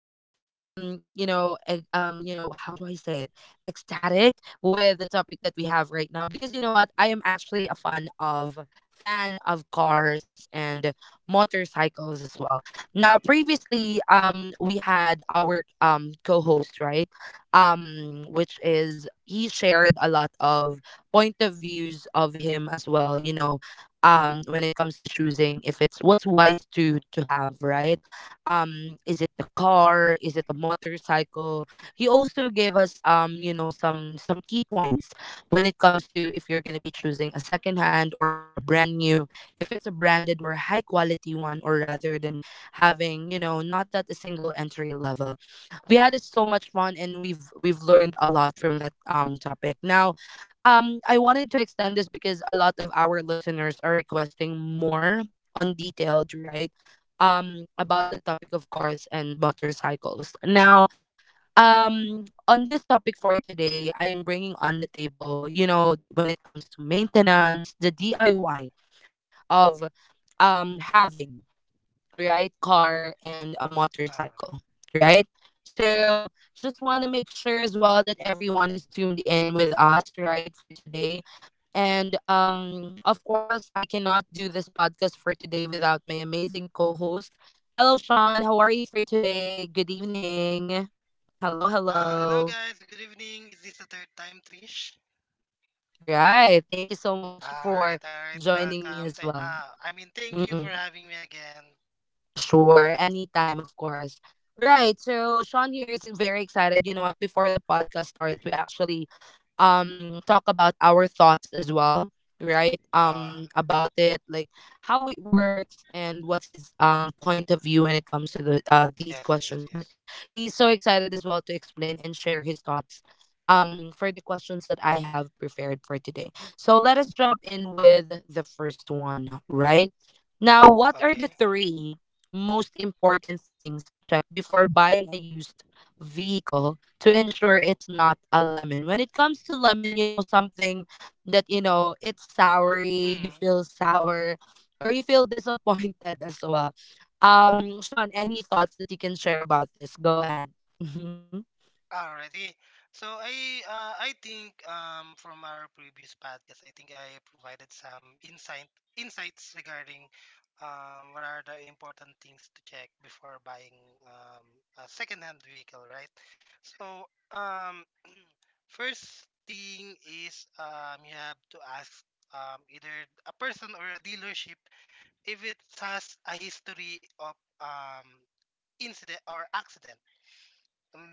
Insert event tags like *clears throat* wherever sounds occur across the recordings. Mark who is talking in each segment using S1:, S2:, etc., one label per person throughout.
S1: Now, I am, how do I say it? Ecstatic with the topic that we have right now because you know what? I am actually a fan of cars and motorcycles as well. Now, previously, we had our co-host, right? Which is he shared a lot of point of views of him as well. When it comes to choosing if it's what's wise to have, right? Is it the car, is it a motorcycle? He also gave us some key points when it comes to if you're going to be choosing a second hand or a brand new, if it's a branded or high quality one, or rather than having, not that a single entry level. We had it so much fun and we've learned a lot from that topic. Now, I wanted to extend this because a lot of our listeners are requesting more on detailed, right, about the topic of cars and motorcycles. Now, on this topic for today, I am bringing on the table, when it comes to maintenance, the DIY of having, right? Car and a
S2: Uh,
S1: motorcycle, right? So just want to make sure as well that everyone is tuned in with us, right, for today. And of course, I cannot do this podcast for today without my amazing co-host. Hello, Sean. How are you for today? Good evening. Hello,
S2: Hello
S1: hello.
S2: guys, good evening. Is this the third time, Trish?
S1: Right. Thank you so much for
S2: Alright, alright,
S1: joining me
S2: welcome.
S1: as well.
S2: I mean, thank you for
S1: Mm-mm.
S2: having me again.
S1: Sure, anytime, of course. Right, so Sean here is very excited. You know what? Before the podcast starts, we actually talk about our thoughts as well, right?
S2: Uh,
S1: About it, like how it works and what's his point of view when it comes to the these
S2: yes, yes,
S1: questions. But
S2: yes.
S1: he's so excited as well to explain and share his thoughts for the questions that I have prepared for today. So let us jump in with the first one, right? Now, what are the
S2: Okay.
S1: three most important things to check before buying a used vehicle to ensure it's not a lemon? When it comes to lemon, something that, it's soury, you
S2: Mm.
S1: feel *laughs* sour, or you feel disappointed as well. Sean, any thoughts that you can share about this? Go ahead. Mm-hmm.
S2: Alrighty. So I think from our previous podcast, I think I provided some insights regarding what are the important things to check before buying um a secondhand vehicle, right? So *clears throat* first thing is you have to ask either a person or a dealership if it has a history of incident or accident.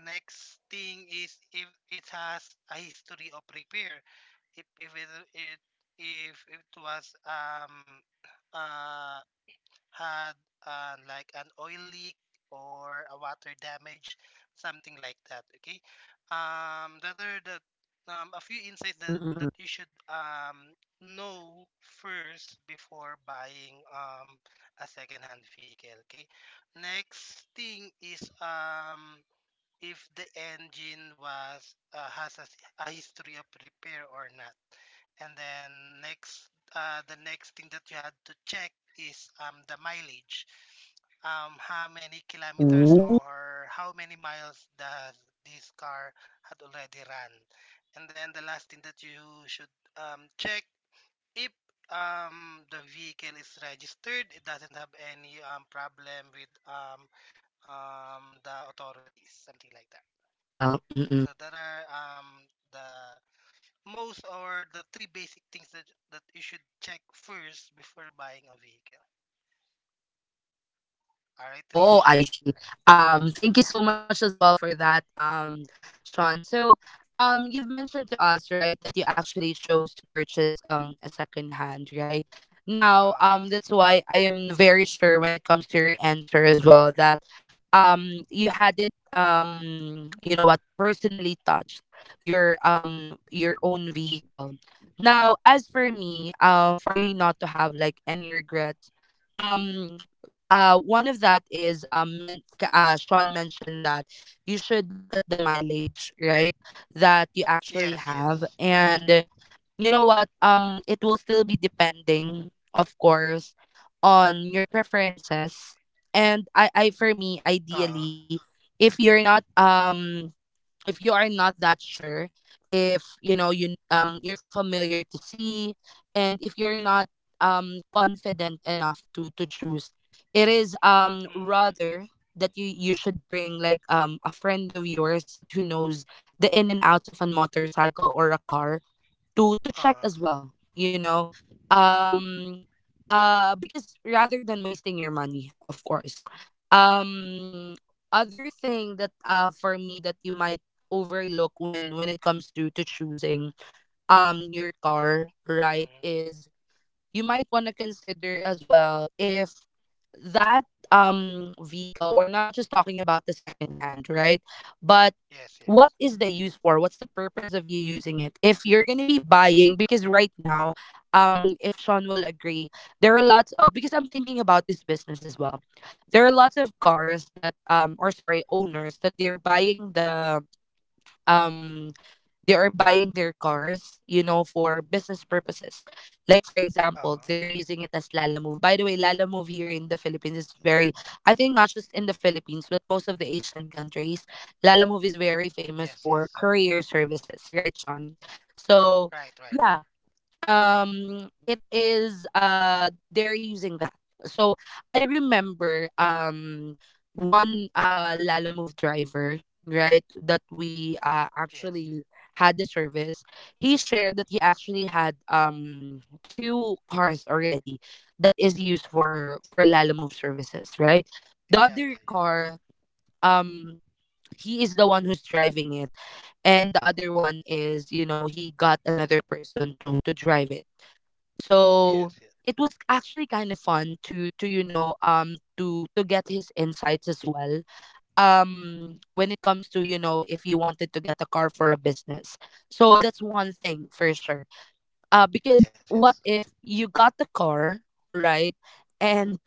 S2: Next thing is if it has a history of repair. If if it it if it was uh had like an oil leak or a water damage, something like that. Okay. The other that A few insights that
S1: Mm-mm-mm.
S2: that you should know first before buying a second-hand vehicle. Okay. Next thing is if the engine was has a history of repair or not. And then next, the next thing that you had to check is the mileage. How many kilometers
S1: Ooh.
S2: or how many miles does this car had already run? And then the last thing that you should check if the vehicle is registered, it doesn't have any problem with the authorities,
S1: The
S2: something like that.
S1: ownership as well. Mm-mm.
S2: So that are the most or the three basic things that you should check first before buying a vehicle. All right,
S1: Oh,
S2: Trish.
S1: I see. Thank you so much as well for that, Sean. So, you've mentioned to us, right, that you actually chose to purchase a second hand, right? Now,
S2: Uh
S1: that's why I am very sure when it comes to your answer as well that, you had it, personally touched your own vehicle. Now, as for me, for you not to have like any regrets, um one of that is Sean mentioned that you should look at the mileage, right? That you actually
S2: yes,
S1: have,
S2: yes.
S1: and you know what? It will still be depending, of course, on your preferences. And I for me,
S2: Uh
S1: ideally, if you're not um if you are not that sure, if you know you you're familiar to see, and if you're not confident enough to choose, it is
S2: mm,
S1: rather that you should bring like a friend of yours that who knows the in and outs of a motorcycle or a car to check
S2: uh
S1: as well, um because rather than wasting your money, of course. um Other thing that for me, that you might overlook when it comes to choosing your car, right,
S2: mm,
S1: is you might want to consider as well if that vehicle, we're not just talking about the second hand, right, but
S2: yes,
S1: what
S2: yes.
S1: is the use for, what's the purpose of you using it if you're going to be buying. Because right now, if Sean will agree, there are lots of, because I'm thinking about this business as well, there are lots of cars that, or sorry, owners that they're buying the, um they are buying their cars, you know, for business purposes. Like for example,
S2: Uh
S1: they're using it as Lalamove. By the way, Lalamove here in the Philippines is very, I think not just in the Philippines, but most of the Asian countries, Lalamove is very famous
S2: yes,
S1: for
S2: yes.
S1: courier services, right, Sean? So
S2: Right, right,
S1: yeah,
S2: right.
S1: it is, they're using that. So I remember one lala move driver, right, that we
S2: Yes.
S1: actually had the service. He shared that he actually had two cars already that is used for lala move services, right? The
S2: Yeah,
S1: other
S2: yeah, yeah.
S1: car, um he is the one who's driving it, and the other one is, he got another person to drive it. So
S2: Yes, yes.
S1: it was actually kind of fun to you know to get his insights as well when it comes to, if you wanted to get a car for a business. So that's one thing for sure. Because
S2: Yes,
S1: what
S2: yes.
S1: if you got the car, right, and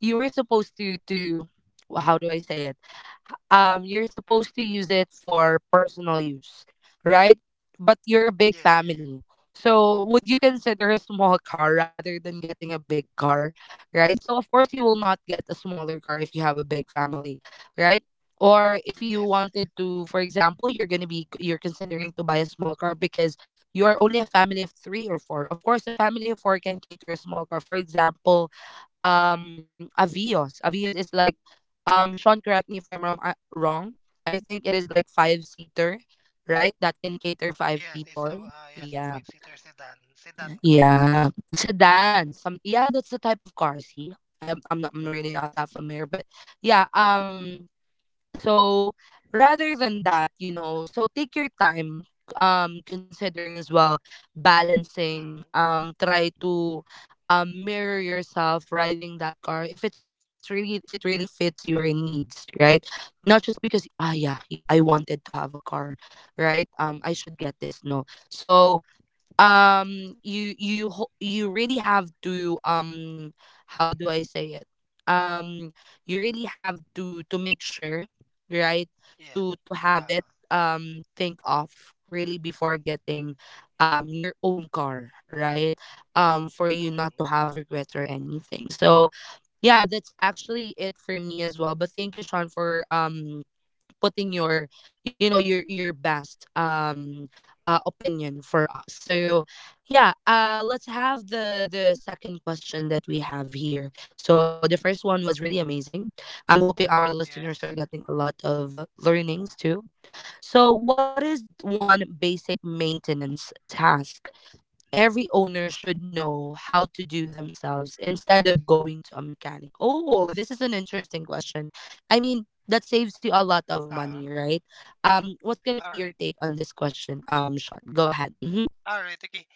S1: you were supposed to how do I say it, you're supposed to use it for personal use, right? But you're a big
S2: Yes, yes.
S1: family. So would you consider a small car rather than getting a big car, right? So of course you will not get a smaller car if you have a big family, right? Or if you
S2: Yes, yes.
S1: wanted to, for example, you're going to be, you're considering to buy a small car because you are only a family of 3 or 4. Of course, a family of 4 can cater a small car. For example, Avios. Avios is like, Sean correct me if I'm wrong. I think it is like five seater, right? That can cater five
S2: Yes, it's
S1: people.
S2: a yes a
S1: Yeah.
S2: five seater sedan car. Yes.
S1: Yeah. Sedan. Some yeah, that's the type of car, see. I'm really not that familiar, but yeah, so rather than that, so take your time, considering as well, balancing,
S2: Mm,
S1: try to mirror yourself riding that car, if it really fits your needs, right? Not just because, yeah, you I wanted to have a car, right? I should get this. No, so, you really have to, how do I say it, um you really have to make sure, right,
S2: yes.
S1: to have
S2: Uh
S1: it. Think of really before getting your own car, right, for you not to
S2: mm,
S1: have regrets or anything. So yeah, that's actually it for me as well. But thank you, Sean, for putting your, you know your best opinion for us. So yeah, let's have the second question that we have here. So the first one was really amazing. I'm hoping our listeners are
S2: yes.
S1: getting a lot of learnings too. So what is one basic maintenance task every owner should know how to do themselves instead of going to a mechanic? Oh, this is an interesting question. I mean, that saves you a lot of money,
S2: Uh
S1: right? What's gonna be
S2: all
S1: your
S2: right.
S1: take on this question? Sean, go ahead. Mm-hmm.
S2: All right, okay.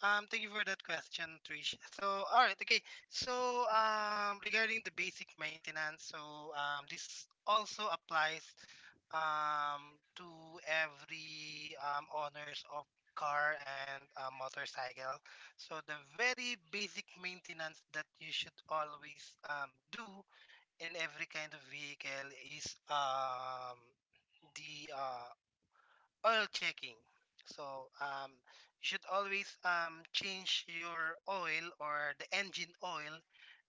S2: Thank you for that question, Trish. So, all right, okay. So, regarding the basic maintenance, so this also applies to every owners of car and motorcycle. So, the very basic maintenance that you should always do in every kind of vehicle is the oil checking. So you should always change your oil or the engine oil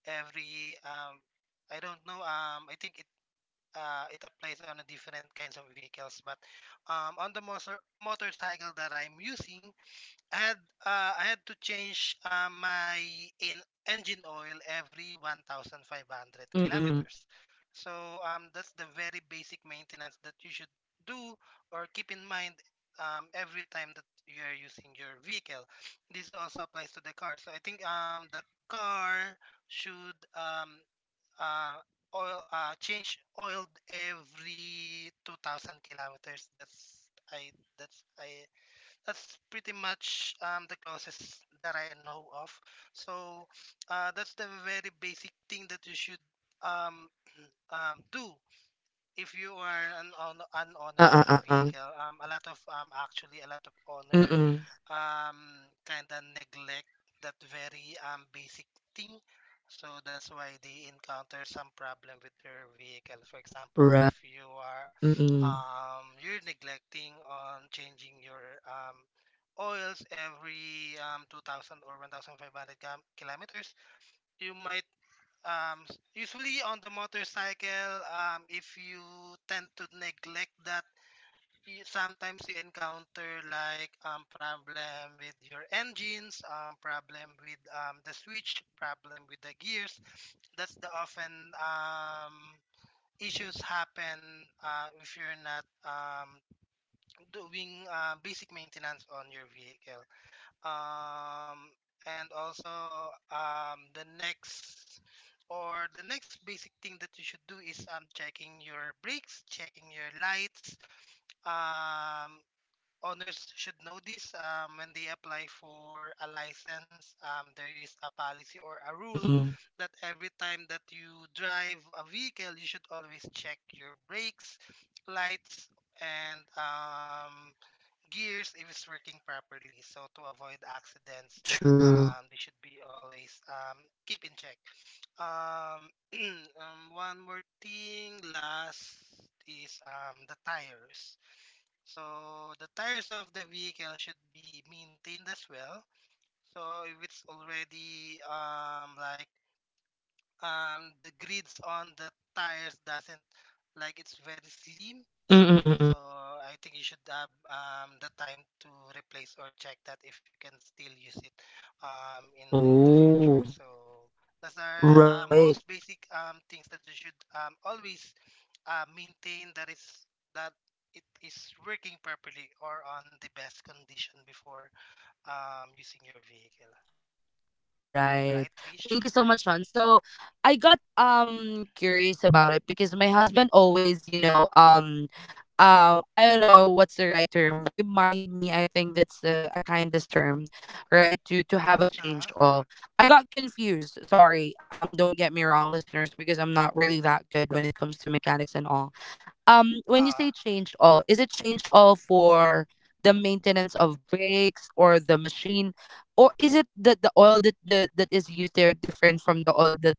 S2: every I don't know I think it applies on a different kinds of vehicles but on the motorcycle that I'm using I had I had to change my in engine oil every 1,500
S1: Mm-mm.
S2: kilometers. So that's the very basic maintenance that you should do or keep in mind every time that you are using your vehicle. This also applies to the car. So I think the car should uh, oil change oil every 2,000 kilometers. That's I that's pretty much the closest that I know of. So that's the very basic thing that you should um, do if you are an owner of the
S1: Uh-uh. Uh-uh.
S2: vehicle. A lot of owner
S1: Mm-mm.
S2: kind of neglect that very basic thing. So that's why they encounter some problem with their vehicle. For example,
S1: Right.
S2: if you are
S1: Mm-mm.
S2: you're neglecting on changing your oils every 2,000 or 1,500 km kilometers. You might usually on the motorcycle, if you tend to neglect that, sometimes you encounter like problem with your engines, problem with the switch, problem with the gears. That's the often um, issues happen if you're not doing basic maintenance on your vehicle. um,
S1: Mm.
S2: and also the next basic thing that you should do is checking your brakes, checking your lights. um, Owners should know this. When they apply for a license, there is a policy or a
S1: Mm-mm.
S2: rule
S1: Mm-mm.
S2: that every time that you drive a vehicle you should always check your brakes, lights, and gears if it's working properly. So to avoid accidents,
S1: True.
S2: they should be always keep in check. Um, *clears throat* one more thing last is the tires. So the tires of the vehicle should be maintained as well. So if it's already the grids on the tires doesn't like it's very slim.
S1: Mm-mm. Mm-mm.
S2: So I think you should have the time to replace or check that if you can still use it in the future.
S1: Oh.
S2: So those are
S1: Right.
S2: most basic things that you should always maintain that it is working properly or on the best condition before using your vehicle.
S1: Right.
S2: Right, Trish?
S1: Thank you so much, Sean. So I got curious about it, because my husband always, I don't know what's the right term. Remind me, I think that's the a kindest term, right? To have a change
S2: Uh,
S1: all. I got confused. Sorry. Don't get me wrong, listeners, because I'm not really that good when it comes to mechanics and all. When you
S2: uh,
S1: say change all, is it change all for the maintenance of brakes or the machine, or is it that the oil that that is used there different from the oil that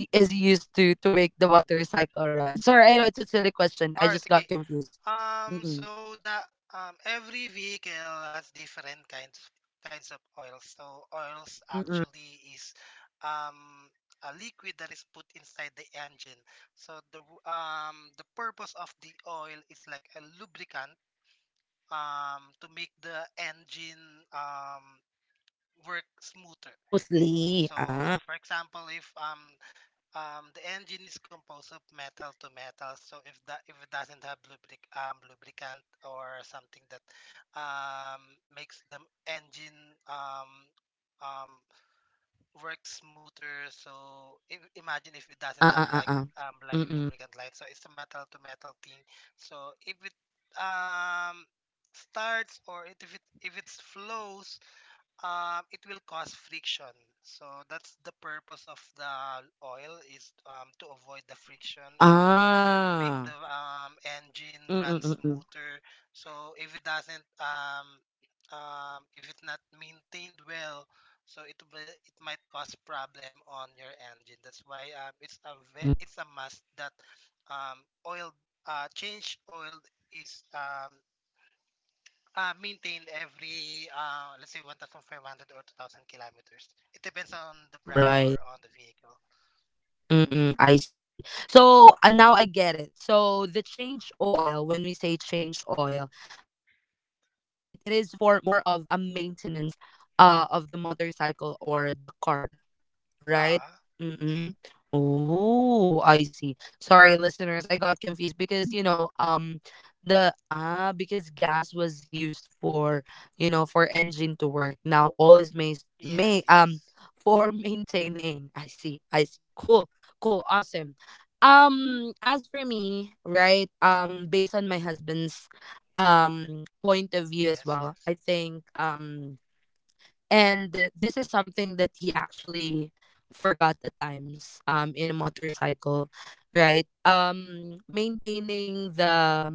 S1: is used to make the water cycle run? Sorry, I know it's a silly question, I
S2: all right,
S1: just got
S2: okay.
S1: confused. Mm-mm.
S2: So the every vehicle has different kinds of oils. So oils
S1: Mm-mm.
S2: actually is um a liquid that is put inside the engine. So the purpose of the oil is like a lubricant to make the engine work smoother.
S1: Smoothly
S2: So for example, if the engine is composed of metal to metal, so if it doesn't have lubricant or something that um, makes the engine um, um, work smoother. So imagine if it
S1: ah
S2: doesn't have
S1: ah ah ah.
S2: like
S1: Mm-mm.
S2: lubricant light, so it's a metal to metal thing. So if it um, starts or it, if it if it flows, it will cause friction. So that's the purpose of the oil is to avoid the friction, to make
S1: ah
S2: the engine run
S1: Mm-mm-mm-mm.
S2: smoother. So if it doesn't, if it's not maintained well, so it might cause problem on your engine. That's why it's a must that um, oil change oil is maintained every let's say 1,500 or 2,000 kilometers. It depends on the brand or on the vehicle.
S1: Mm-mm, I see. So now I get it. So the change oil, when we say change oil, right, it is for more of a maintenance of the motorcycle or the car, right?
S2: ah
S1: Mm-mm. Oh, I see. Sorry, listeners, I got confused because, you know, the ah because gas was used for, for engine to work. Now all is may
S2: yes, yes,
S1: for *laughs* maintaining. I see. I see. Cool. Cool. Awesome. As for me, right? Based on my husband's point of view as
S2: yes,
S1: well, I
S2: yes,
S1: think and this is something that he actually forgot at times in a motorcycle, right? Maintaining the,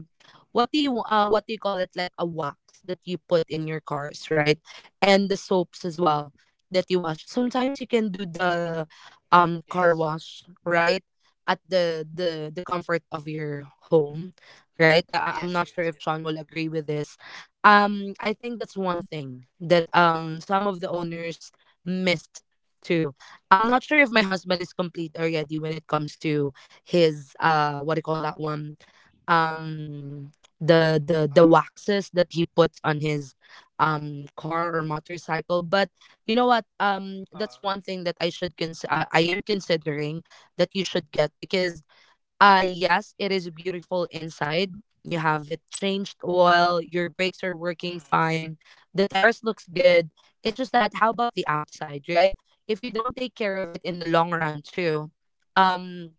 S1: what do you call it, like a wax that you put in your cars, right? And the soaps as well that you wash. Sometimes you can do the, car
S2: yes,
S1: wash, right? At the comfort of your home, right? I'm
S2: yes,
S1: not sure
S2: yes,
S1: if
S2: yes.
S1: Sean will agree with this. I think that's one thing that some of the owners missed too. I'm not sure if my husband is complete already when it comes to his, what do you call that one, um the the
S2: Ah,
S1: waxes that he puts on his car or motorcycle. But you know what, that's
S2: ah,
S1: one thing that I am considering that you should get, because yes, it is beautiful inside. You have it changed oil, your brakes are working
S2: mm,
S1: fine, the terrace looks good. It's just that, how about the outside, right? If you don't take care of it in the long run too, um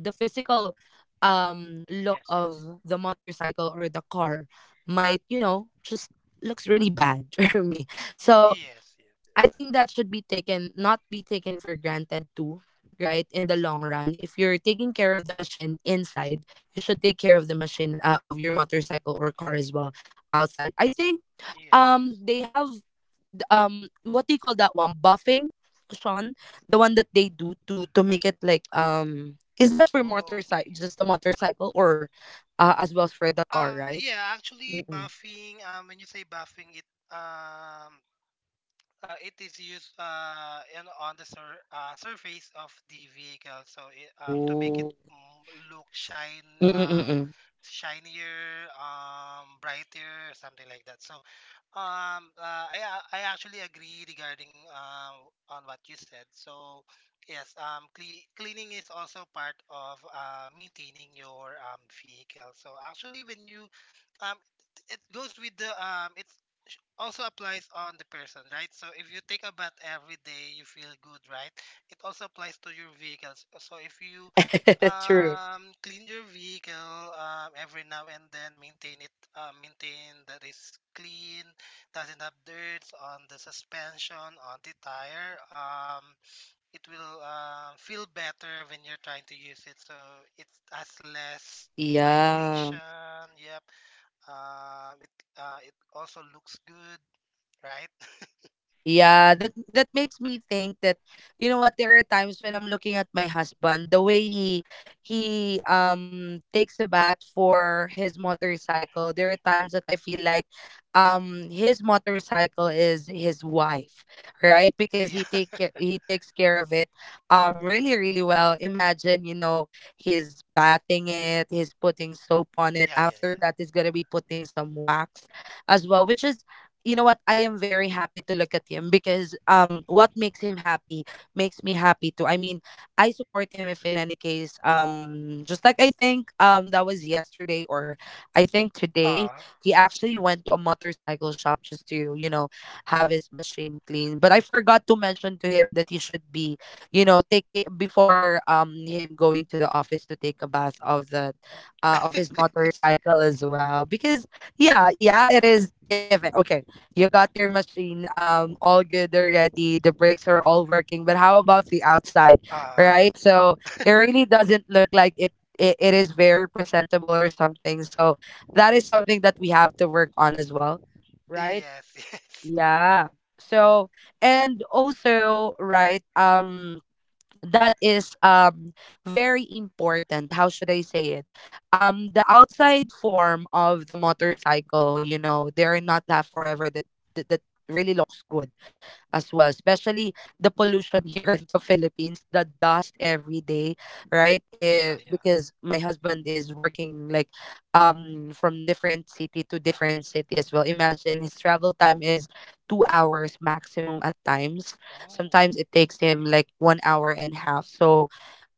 S1: the physical look
S2: yes,
S1: of
S2: yes,
S1: the motorcycle or the car might, you know, just looks really bad *laughs* for me. So
S2: yes, yes, yes,
S1: I think that should be taken, not be taken for granted too, right? In the long run, if you're taking care of the machine inside, you should take care of the machine, of your motorcycle or car as well, outside. I think
S2: yes, yes.
S1: they have, what do you call that one, buffing, Sean? The one that they do to make it like, is that for
S2: Okay.
S1: motorcycle, just the motorcycle, or as well as for the car, right?
S2: Yeah, actually,
S1: Mm-mm.
S2: buffing. When you say buffing, um it is used in, on the surface of the vehicle, so it, to make
S1: Oh.
S2: it look shine,
S1: Mm-mm-mm.
S2: shinier, brighter, something like that. So, I a- I actually agree regarding on what you said. So, yes, cleaning is also part of maintaining your vehicle. So, actually, when you um, it goes with the it's also applies on the person, right? So if you take a bath every day, you feel good, right? It also applies to your vehicles. So if you
S1: *laughs* True.
S2: clean your vehicle every now and then, maintain it, maintain that it's clean, doesn't have dirt on the suspension, on the tire. It will feel better when you're trying to use it. So it has less
S1: Yeah.
S2: vibration. Yep. Um, it it also looks good, right? *laughs*
S1: Yeah, that that makes me think that, you know what, there are times when I'm looking at my husband, the way he takes a bath for his motorcycle. There are times that I feel like his motorcycle is his wife, right? Because he
S2: Yeah,
S1: take ca- he takes care of it really really well. Imagine, you know, he's bathing it, he's putting soap on
S2: *laughs*
S1: it.
S2: yeah, yeah,
S1: After
S2: yeah.
S1: that he's going to be putting some wax as well, which is, you know what, I am very happy to look at him, because what makes him happy makes me happy too. I mean, I support him if in any case, just like I think, that was yesterday or I think today,
S2: Ah,
S1: he actually went to a motorcycle shop just to, you know, have his machine clean, but I forgot to mention to him that he should be, you know, taking, before him going to the office, to take a bath of the, of his motorcycle as well, because yeah, yeah, it is given. Okay. You got your machine all good already. The brakes are all working, but how about the outside,
S2: ah,
S1: right? So it really doesn't look like it. It is very presentable or something. So that is something that we have to work on as well, right?
S2: yes, yes.
S1: Yeah. So, and also, right. That is very important. How should I say it? The outside form of the motorcycle, you know, they're not that forever, that that really looks good as well, especially the pollution here *laughs* in the Philippines, the dust every day, right?
S2: *laughs*
S1: Eh,
S2: Yeah, yeah.
S1: because my husband is working like, from different city to different city as well. Imagine, his travel time is 2 hours maximum at times.
S2: Oh,
S1: Sometimes it takes him
S2: okay.
S1: like 1 hour and a half. So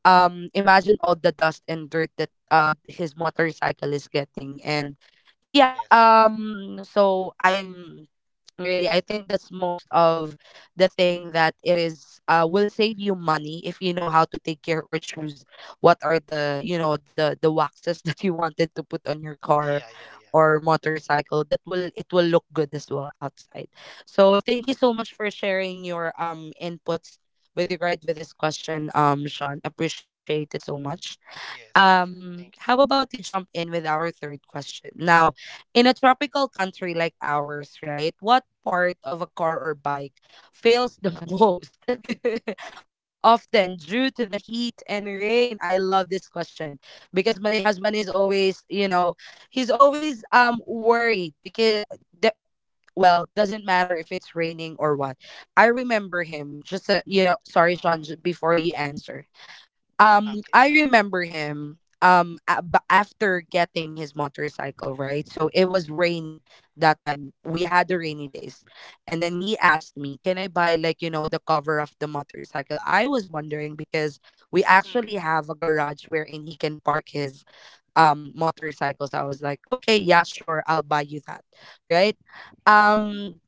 S1: imagine all the dust and dirt that his motorcycle is getting. And yeah,
S2: Yes, yes.
S1: so I am, really, I think that's most of the thing, that it is, will save you money if you know how to take care or choose what are the, you know, the waxes *laughs* that you wanted to put on your car
S2: Yeah, yeah, yeah.
S1: or motorcycle, that will, it will look good as well outside. So thank you so much for sharing your inputs with regard with this question, Sean. Appreciate it so much.
S2: Yes, yes, yes. Thank you.
S1: How about we jump in with our third question? Now, in a tropical country like ours, right, what part of a car or bike fails the *laughs* most *laughs* often due to the heat and rain? I love this question because my husband is always, you know, he's always worried, because the, well, doesn't matter if it's raining or what. I remember him just, you know, sorry, Sean,
S2: Ah,
S1: j- before you answer.
S2: okay.
S1: I remember him. After getting his motorcycle, right? So it was rainy that time. We had the rainy days, and then he asked me, "Can I buy like you know the cover of the motorcycle?" I was wondering because we actually
S2: Mm,
S1: have a garage wherein he can park his motorcycle. So I was like, "Okay, yeah, sure, I'll buy you that," right? Um,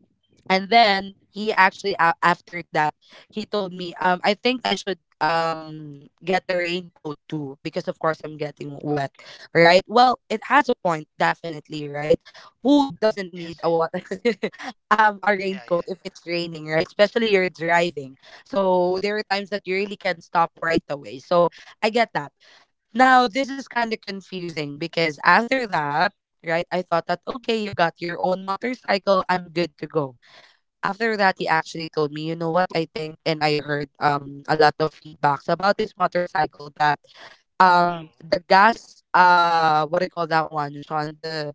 S1: and then he actually after that he told me, I think I should get a raincoat too, because of course I'm getting wet,
S2: okay.
S1: right? Well, it has a point definitely, right? Who doesn't need
S2: Yes,
S1: a
S2: yes.
S1: what, *laughs* a
S2: Yeah,
S1: raincoat
S2: yeah,
S1: if it's raining, right, especially you're driving? So there are times that you really can stop right away, so I get that. Now this is kind of confusing, because after that, right, I thought that, okay, you got your own motorcycle, I'm good to go. After that he actually told me, you know what, I think and I heard a lot of feedbacks about this motorcycle, that
S2: yeah. Mm.
S1: the gas, what do you call that one, Sean, the,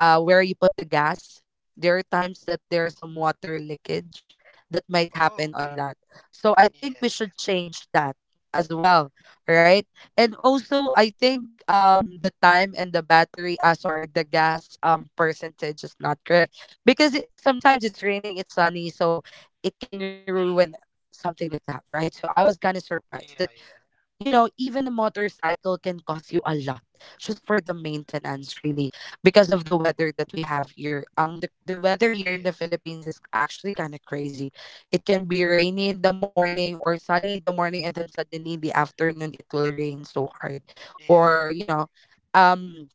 S1: where you put the gas. There are times that there's some water leakage that might happen
S2: Oh,
S1: on
S2: okay.
S1: that. So I think we
S2: Yes,
S1: should
S2: yes.
S1: change that as well, right? And also, I think the time and the battery, sorry, the gas percentage is not correct, because it, sometimes it's raining, it's sunny, so it can ruin
S2: Mm.
S1: something like that, right? So I was kind of
S2: Yeah,
S1: surprised that,
S2: yeah, yeah.
S1: you know, even a motorcycle can cost you a lot just for the maintenance, really, because of the weather that we have here. The weather here in the
S2: Yes,
S1: Philippines
S2: yes.
S1: is actually kind of crazy. It can be rainy in the morning or sunny in the morning, and then suddenly in the afternoon it will rain so hard,
S2: Yeah,
S1: or, you
S2: yeah,
S1: know, um.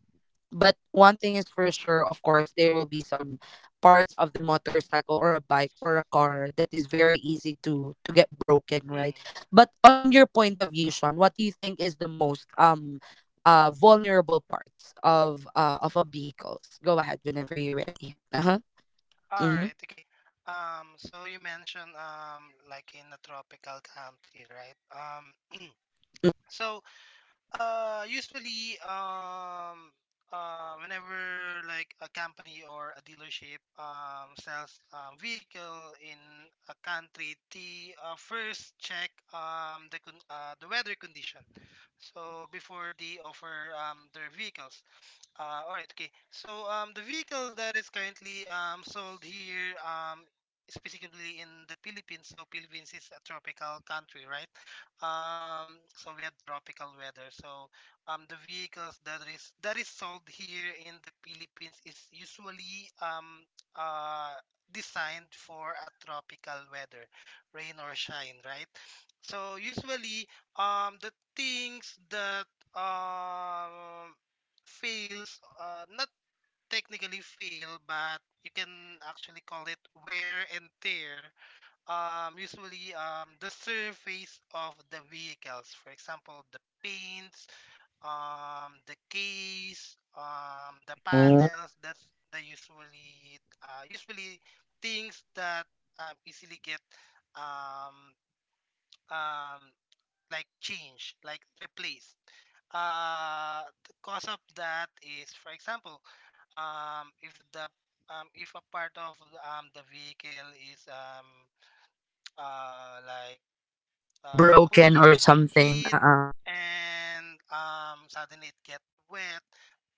S1: But one thing is for sure, of course, there will be some parts of the motorcycle or a bike or a car that is very easy to get broken,
S2: yeah. Mm.
S1: right? But on your point of view, Sean, what do you think is the most vulnerable parts of a vehicles? Go ahead whenever you're ready. Uh-huh.
S2: All
S1: Mm-hmm.
S2: right. Okay. So you mentioned like in a tropical country, right? So Usually, whenever like a company or a dealership sells a vehicle in a country, they first check the weather condition. So before they offer their vehicles, all right. Okay. So the vehicles that is currently sold here specifically in the Philippines. So Philippines is a tropical country, right? So we have tropical weather. So the vehicles that is sold here in the Philippines is usually uh, designed for a tropical weather, rain or shine, right? So usually the things that um fails, not technically fail, but you can actually call it wear and tear. Usually, the surface of the vehicles, for example, the paints, the case, the panels. That's the usually things that easily get um, um, like changed, like replaced. The cause of that is, for example, if the if a part of the vehicle is like put
S1: Broken
S2: in
S1: or something.
S2: heat
S1: Uh-uh.
S2: and suddenly it get wet.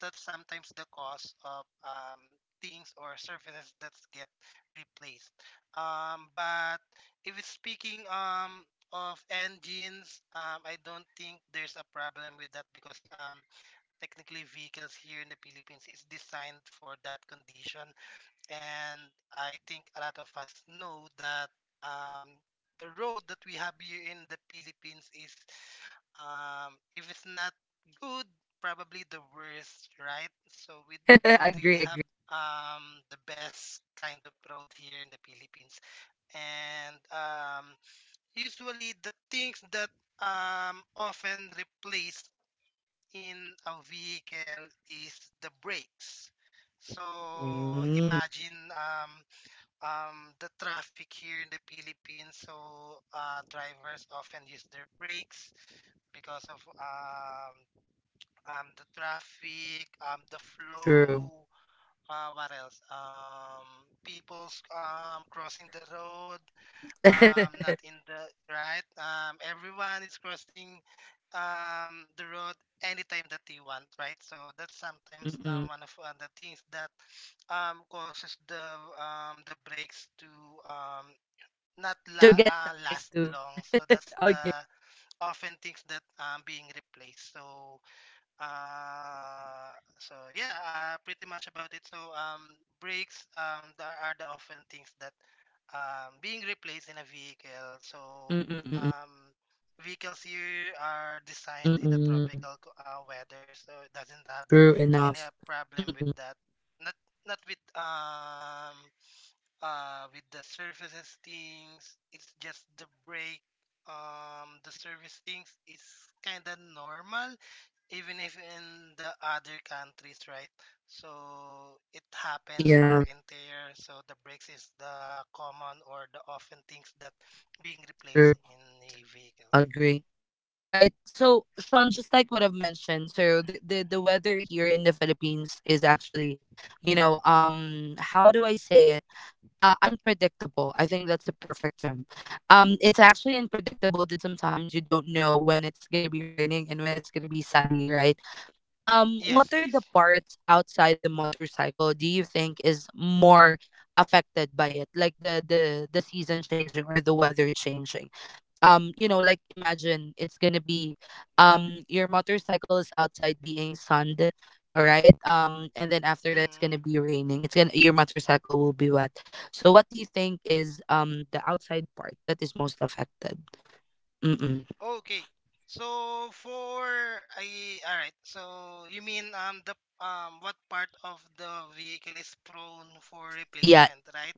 S2: That's sometimes the cause of things or surfaces that get replaced. But if it's speaking of engines, I don't think there's a problem with that because technically vehicles here in the Philippines is designed for that condition. And
S1: Mm.
S2: I think a lot of us know that um, the road that we have here in the Philippines is, if it's not good, probably the worst, right? So we
S1: *laughs*
S2: don't really
S1: Agree,
S2: have
S1: agree.
S2: um, the best kind of road here in the Philippines. And usually the things that often replace in a vehicle is the brakes. So
S1: Mm,
S2: imagine the traffic here in the Philippines. So drivers often use their brakes because of the traffic, the
S1: true.
S2: flow. What else? People's crossing the road not
S1: *laughs*
S2: in the right, everyone is crossing the road anytime that they want, right? So that's sometimes,
S1: Mm-mm.
S2: one of the things that causes the breaks to um not
S1: To
S2: la-
S1: get tired
S2: last
S1: too.
S2: long. So that's
S1: *laughs* Okay.
S2: the often things that being replaced. So so yeah, pretty much about it. So brakes, there are the often things that, being replaced in a vehicle. So
S1: Mm-mm, mm-mm,
S2: um, vehicles here are designed in a
S1: mm-mm.
S2: tropical weather, so it doesn't have
S1: True
S2: any
S1: enough.
S2: problem with
S1: Mm-mm.
S2: that. Not not with with the surfaces things. It's just the brake. The service things is kind of normal even if in the other countries, right? So it happens
S1: Yeah,
S2: wear and tear. So the brakes is the common or the often things that being
S1: true.
S2: replaced in a vehicle.
S1: Agree. Right. So, Sean, just like what I've mentioned, so the weather here in the Philippines is actually, you know, how do I say it? Unpredictable. I think that's the perfect term. It's actually unpredictable that sometimes you don't know when it's gonna be raining and when it's gonna be sunny, right?
S2: Yes,
S1: What are
S2: yes.
S1: the parts outside the motorcycle do you think is more affected by it? Like the season changing or the weather changing? You know, like imagine it's gonna be, your motorcycle is outside being sunned, all right? And then after that it's
S2: Mm,
S1: gonna be raining. It's gonna, your motorcycle will be wet. So what do you think is the outside part that is most affected? Mm-mm.
S2: okay. So for I all right. So you mean the what part of the vehicle is prone for
S1: Yeah,
S2: replacement, right?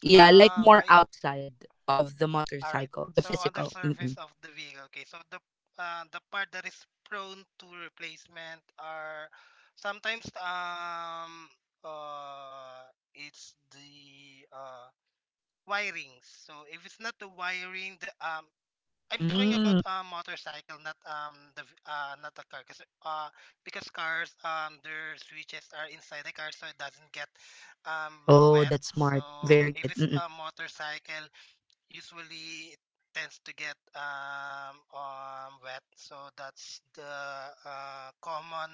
S1: yeah, like more
S2: I
S1: outside of the
S2: all right.
S1: motorcycle, the
S2: So on the
S1: physical.
S2: surface
S1: Mm-mm.
S2: of the vehicle, okay. So the part that is prone to replacement are sometimes uh it's the wirings. So if it's not the wiring, the I'm talking
S1: Mm.
S2: about a motorcycle, not not a car, cause because cars, their switches are inside the car, so it doesn't get
S1: Oh,
S2: wet.
S1: that's
S2: So
S1: smart. Very
S2: if
S1: good.
S2: it's
S1: Mm-mm.
S2: a motorcycle, usually it tends to get wet, so that's the common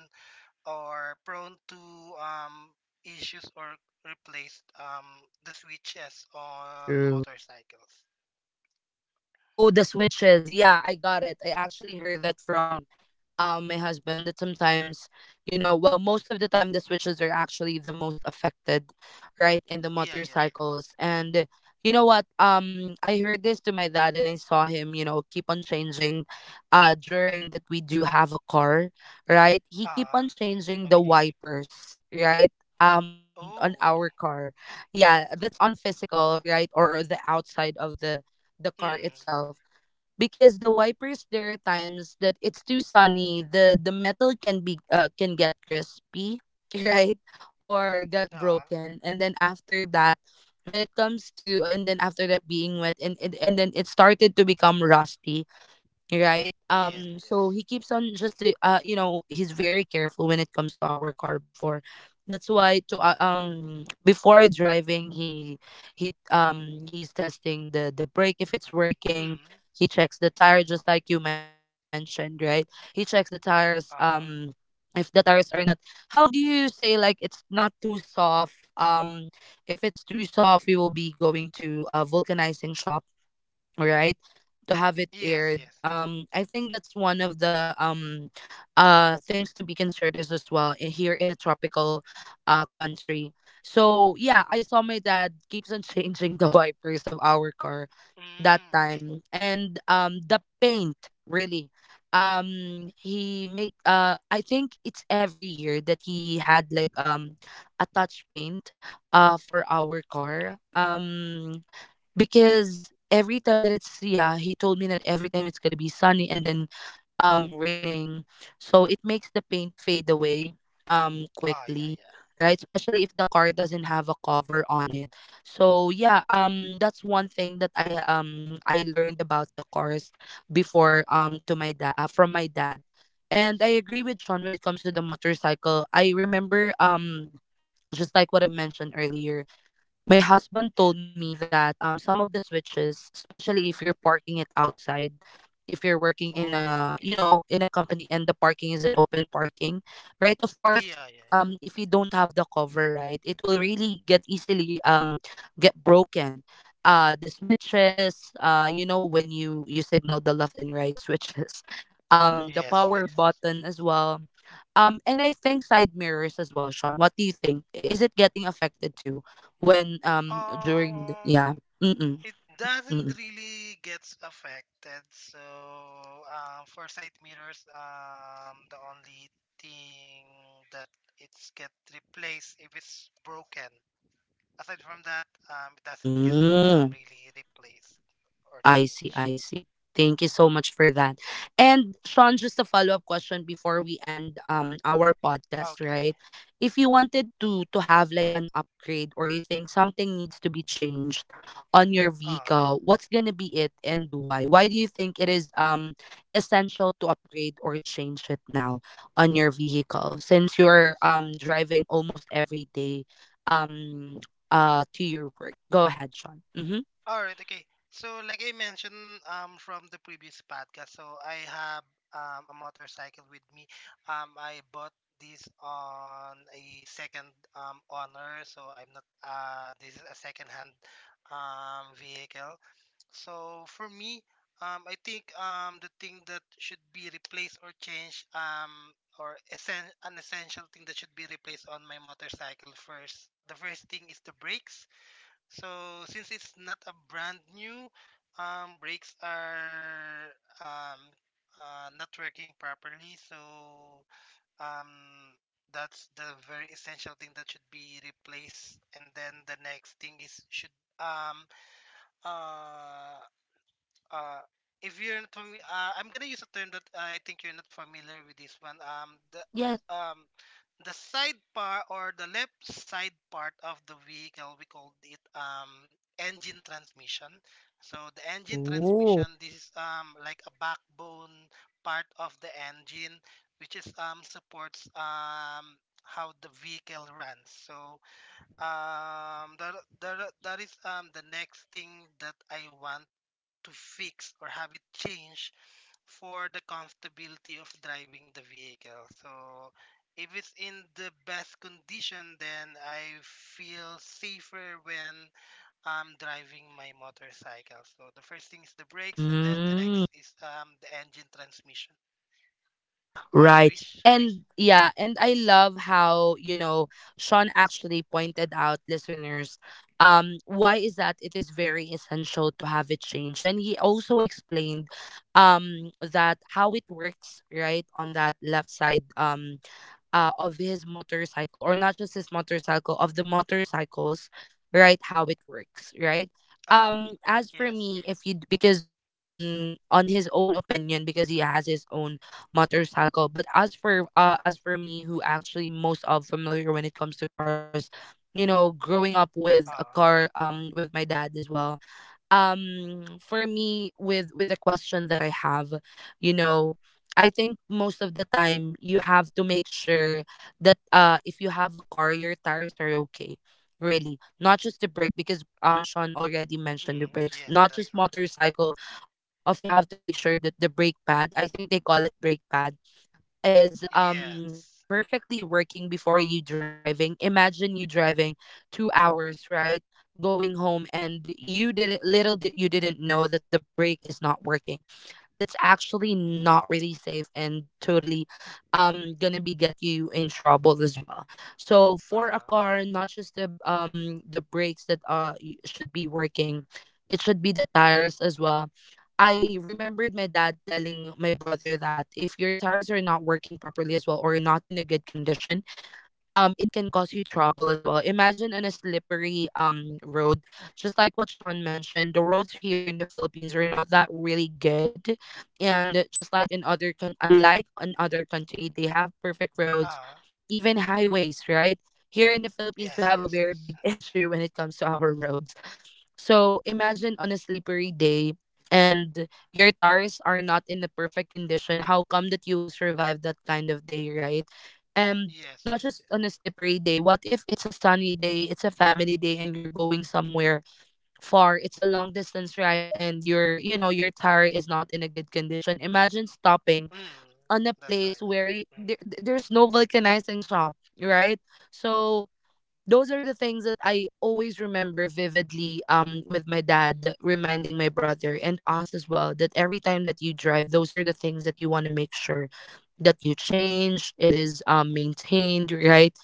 S2: or prone to um, issues or replaced, the switches on
S1: True.
S2: motorcycles.
S1: Oh, the switches. Yeah, I got it. I actually heard that from my husband that sometimes, you know, well, most of the time the switches are actually the most affected, right, in the
S2: Yeah, yeah.
S1: motorcycles. And you know what? I heard this to my dad and I saw him, you know, keep on changing, during that we do have a car, right? He keep on
S2: Ah,
S1: changing the
S2: okay.
S1: wipers, right? On our
S2: Oh,
S1: car. Yeah, that's on physical, right? Or the outside of the
S2: okay.
S1: car
S2: Mm.
S1: itself. Because the wipers, there are times that it's too sunny, the metal can be can get crispy *laughs* right? Or get
S2: Ah,
S1: broken. And then after that, when it comes to, and then after that being wet, and and then it started to become rusty, right?
S2: yes,
S1: So
S2: yes.
S1: he keeps on, just to, you know, he's very careful when it comes to our car before. That's why to before driving, he he's testing the brake if it's working.
S2: Mm.
S1: He checks the tire, just like you mentioned, right? He checks the tires.
S2: Ah,
S1: If the tires are not, how do you say, like, it's not too soft. If it's too soft, we will be going to a vulcanizing shop, all right, to have it
S2: yes,
S1: aired.
S2: yes, yes.
S1: I think that's one of the things to be considered is as well. Here in a tropical country. So yeah, I saw my dad keeps on *laughs* changing the wipers of our car that
S2: Mm, okay.
S1: time. And the paint really, he make, I think it's every year that he had like a touch paint for our
S2: Okay.
S1: car. Because every time that it's, yeah, he told me that every time it's gonna be sunny and then raining, so it makes the paint fade away
S2: Ah, yeah,
S1: quickly,
S2: yeah.
S1: right? Especially if the car doesn't have a cover on it. So yeah, that's one thing that I learned about the cars before, to my dad from my dad. And I agree with Sean when it comes to the motorcycle. I remember, just like what I've mentioned earlier, my husband told
S2: Yes.
S1: me that some of the switches, especially if you're parking it outside, if you're working in
S2: Oh,
S1: a, you
S2: okay.
S1: know, in a company and the parking is an open parking, right? Of course,
S2: Yeah, yeah,
S1: if you don't have the cover, right, it will really get easily get broken. The switches, you know, when you signal the left and right switches, *laughs*
S2: yeah.
S1: the
S2: Yes,
S1: power
S2: yes, yes.
S1: button as well, and I think side mirrors as well. Sean, what do you think? Is it getting affected too? When during the,
S2: Um,
S1: yeah. mm mm
S2: it
S1: mm
S2: doesn't really gets affected. So,
S1: mm mm.
S2: for side mirrors, the only thing that it's get replaced if it's broken. Aside from that, it doesn't get
S1: Mm.
S2: really replaced or
S1: I see,
S2: changed.
S1: I see. Thank you so much for that. And Sean, just a follow-up question before we end our podcast,
S2: Okay.
S1: right? If you wanted to have like an upgrade, or you think something needs to be changed on your
S2: Uh-huh.
S1: vehicle, what's gonna be it and why? Why do you think it is essential to upgrade or change it now on your vehicle, since you're driving almost every day um to your work? Go ahead, Sean. Mm-hmm.
S2: All right, okay. So, like I mentioned from the previous podcast, so I have a motorcycle with me. I bought this on a second owner, so I'm not this is a second hand vehicle. So for me, I think the thing that should be replaced or changed, or essen an essential thing that should be replaced on my motorcycle first. The first thing is the brakes, so since it's not a brand new, brakes are, um, not working properly. So um, that's the very essential thing that should be replaced. And then the next thing is should um uh uh, if you're not familiar, I'm gonna use a term that I think you're not familiar with this one.
S1: Yeah.
S2: Um, the side part or the left side part of the vehicle, we called it engine transmission. So the engine
S1: Oh.
S2: transmission, this is like a backbone part of the engine, which is supports how the vehicle runs. So that is the next thing that I want to fix or have it changed for the comfortability of driving the vehicle. So if it's in the best condition, then I feel safer when I'm driving my motorcycle. So the first thing is the brakes, and then the
S1: Mm,
S2: next is the engine transmission. Right,
S1: right.
S2: Trish?
S1: And yeah, and I love how, you know, Sean actually pointed out, listeners, why is that it is very essential to have it changed. And he also explained that how it works, right, on that left side. Of his motorcycle, or not just his motorcycle, of the motorcycles, right? How it works, right?
S2: Ah,
S1: As for
S2: yes.
S1: me, if you because on his own opinion, because he has his own motorcycle. But as for, as for me, who actually most of familiar when it comes to cars, you know, growing up with a
S2: Ah,
S1: car with my dad as well. For me, with the question that I have, you know, I think most of the time you have to make sure that, if you have a car, your tires are okay, really. Not just the brake, because Sean already mentioned the
S2: mm,
S1: brakes,
S2: yes,
S1: not
S2: that's
S1: just
S2: right.
S1: motorcycle. Of course, you have to make sure that the brake pad, I think they call it brake pad, is
S2: Yes.
S1: perfectly working before you driving. Imagine you driving 2 hours, right? Going home and you didn't, little did you, didn't know that the brake is not working. That's actually not really safe and totally going to be get you in trouble as well. So for a
S2: Ah.
S1: car, not just the brakes that should be working, it should be the tires as well. I remembered my dad telling my brother that if your tires are not working properly as well, or not in a good condition, it can cause you trouble as well. Imagine on a slippery road, just like what Sean mentioned, the roads here in the Philippines are not that really good, and just like in other unlike in other country, they have perfect roads,
S2: Ah,
S1: even highways, right? Here in the Philippines, we
S2: yes,
S1: have a
S2: yes,
S1: very
S2: yes.
S1: big *laughs* issue when it comes to our roads. So imagine on a slippery day and your tires are not in the perfect condition. How come that you will survive that kind of day, right? And
S2: Yes,
S1: not
S2: yes,
S1: just on a
S2: yes.
S1: slippery day. What if it's a sunny day, it's a family day, and you're going somewhere far. It's a long distance ride, and your, you know, your tire is not in a good condition. Imagine stopping
S2: Mm,
S1: on a
S2: that's right.
S1: place where you,
S2: Mm.
S1: there, there's no vulcanizing shop, right? So those are the things that I always remember vividly, with my dad reminding my brother and us as well, that every time that you drive, those are the things that you want to make sure that you change, it is maintained, right?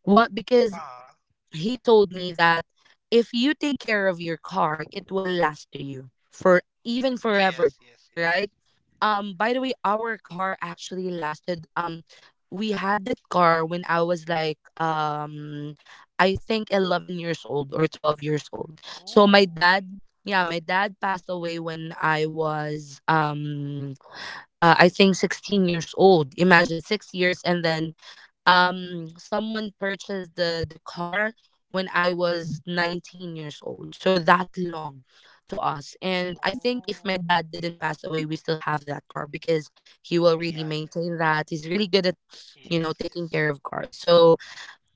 S1: What, because
S2: Ah.
S1: he told me that if you take care of your car, it will last to you for even forever,
S2: Yes, yes, yes.
S1: right? By the way, our car actually lasted, we had that car when I was like, I think 11 years old or 12 years old. So my
S2: Oh, okay.
S1: dad, yeah, my dad passed away when I was I think 16 years old. Imagine 6 years, and then someone purchased the car when I was 19 years old. So that long to us. And I think if my
S2: Oh,
S1: dad
S2: okay.
S1: didn't pass away, we still have that car, because he will really
S2: Yeah,
S1: maintain
S2: yeah,
S1: that. He's really good at,
S2: yeah.
S1: you know,
S2: Yes,
S1: taking
S2: yes.
S1: care of cars. So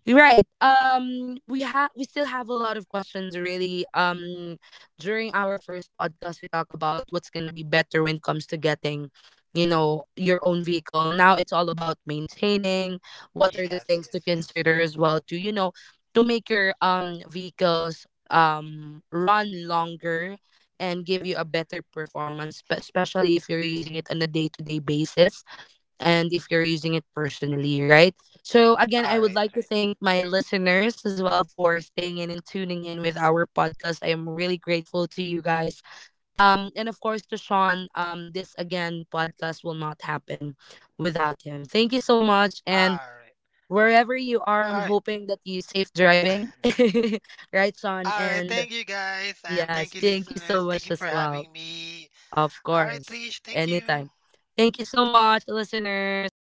S1: right. We still have a lot of questions, really. During our first podcast, we talk about what's going to be better when it comes to getting, you know, your own vehicle. Now it's all about maintaining. What are the
S2: Yes,
S1: things to
S2: yes, yes.
S1: consider as well to, you know, to make your vehicles run longer and give you a better performance, especially if you're using it on a day-to-day basis and if you're using it personally, right? So, again, I
S2: All
S1: would
S2: right,
S1: like to
S2: right.
S1: thank my listeners as well for staying in and tuning in with our podcast. I am really grateful to you guys. And of course, to Sean, this again podcast will not happen without him. Thank you so much.
S2: All
S1: And
S2: right.
S1: wherever you are,
S2: All
S1: I'm
S2: right.
S1: hoping that you safe driving,
S2: *laughs*
S1: *laughs* right, Sean?
S2: All right.
S1: And
S2: Thank you guys and thank
S1: yes,
S2: you
S1: thank you so
S2: listeners. Thank
S1: much
S2: you
S1: as
S2: for
S1: well.
S2: having me.
S1: Of
S2: All right,
S1: course,
S2: Trish, thank you.
S1: anytime. Thank you so much, listeners.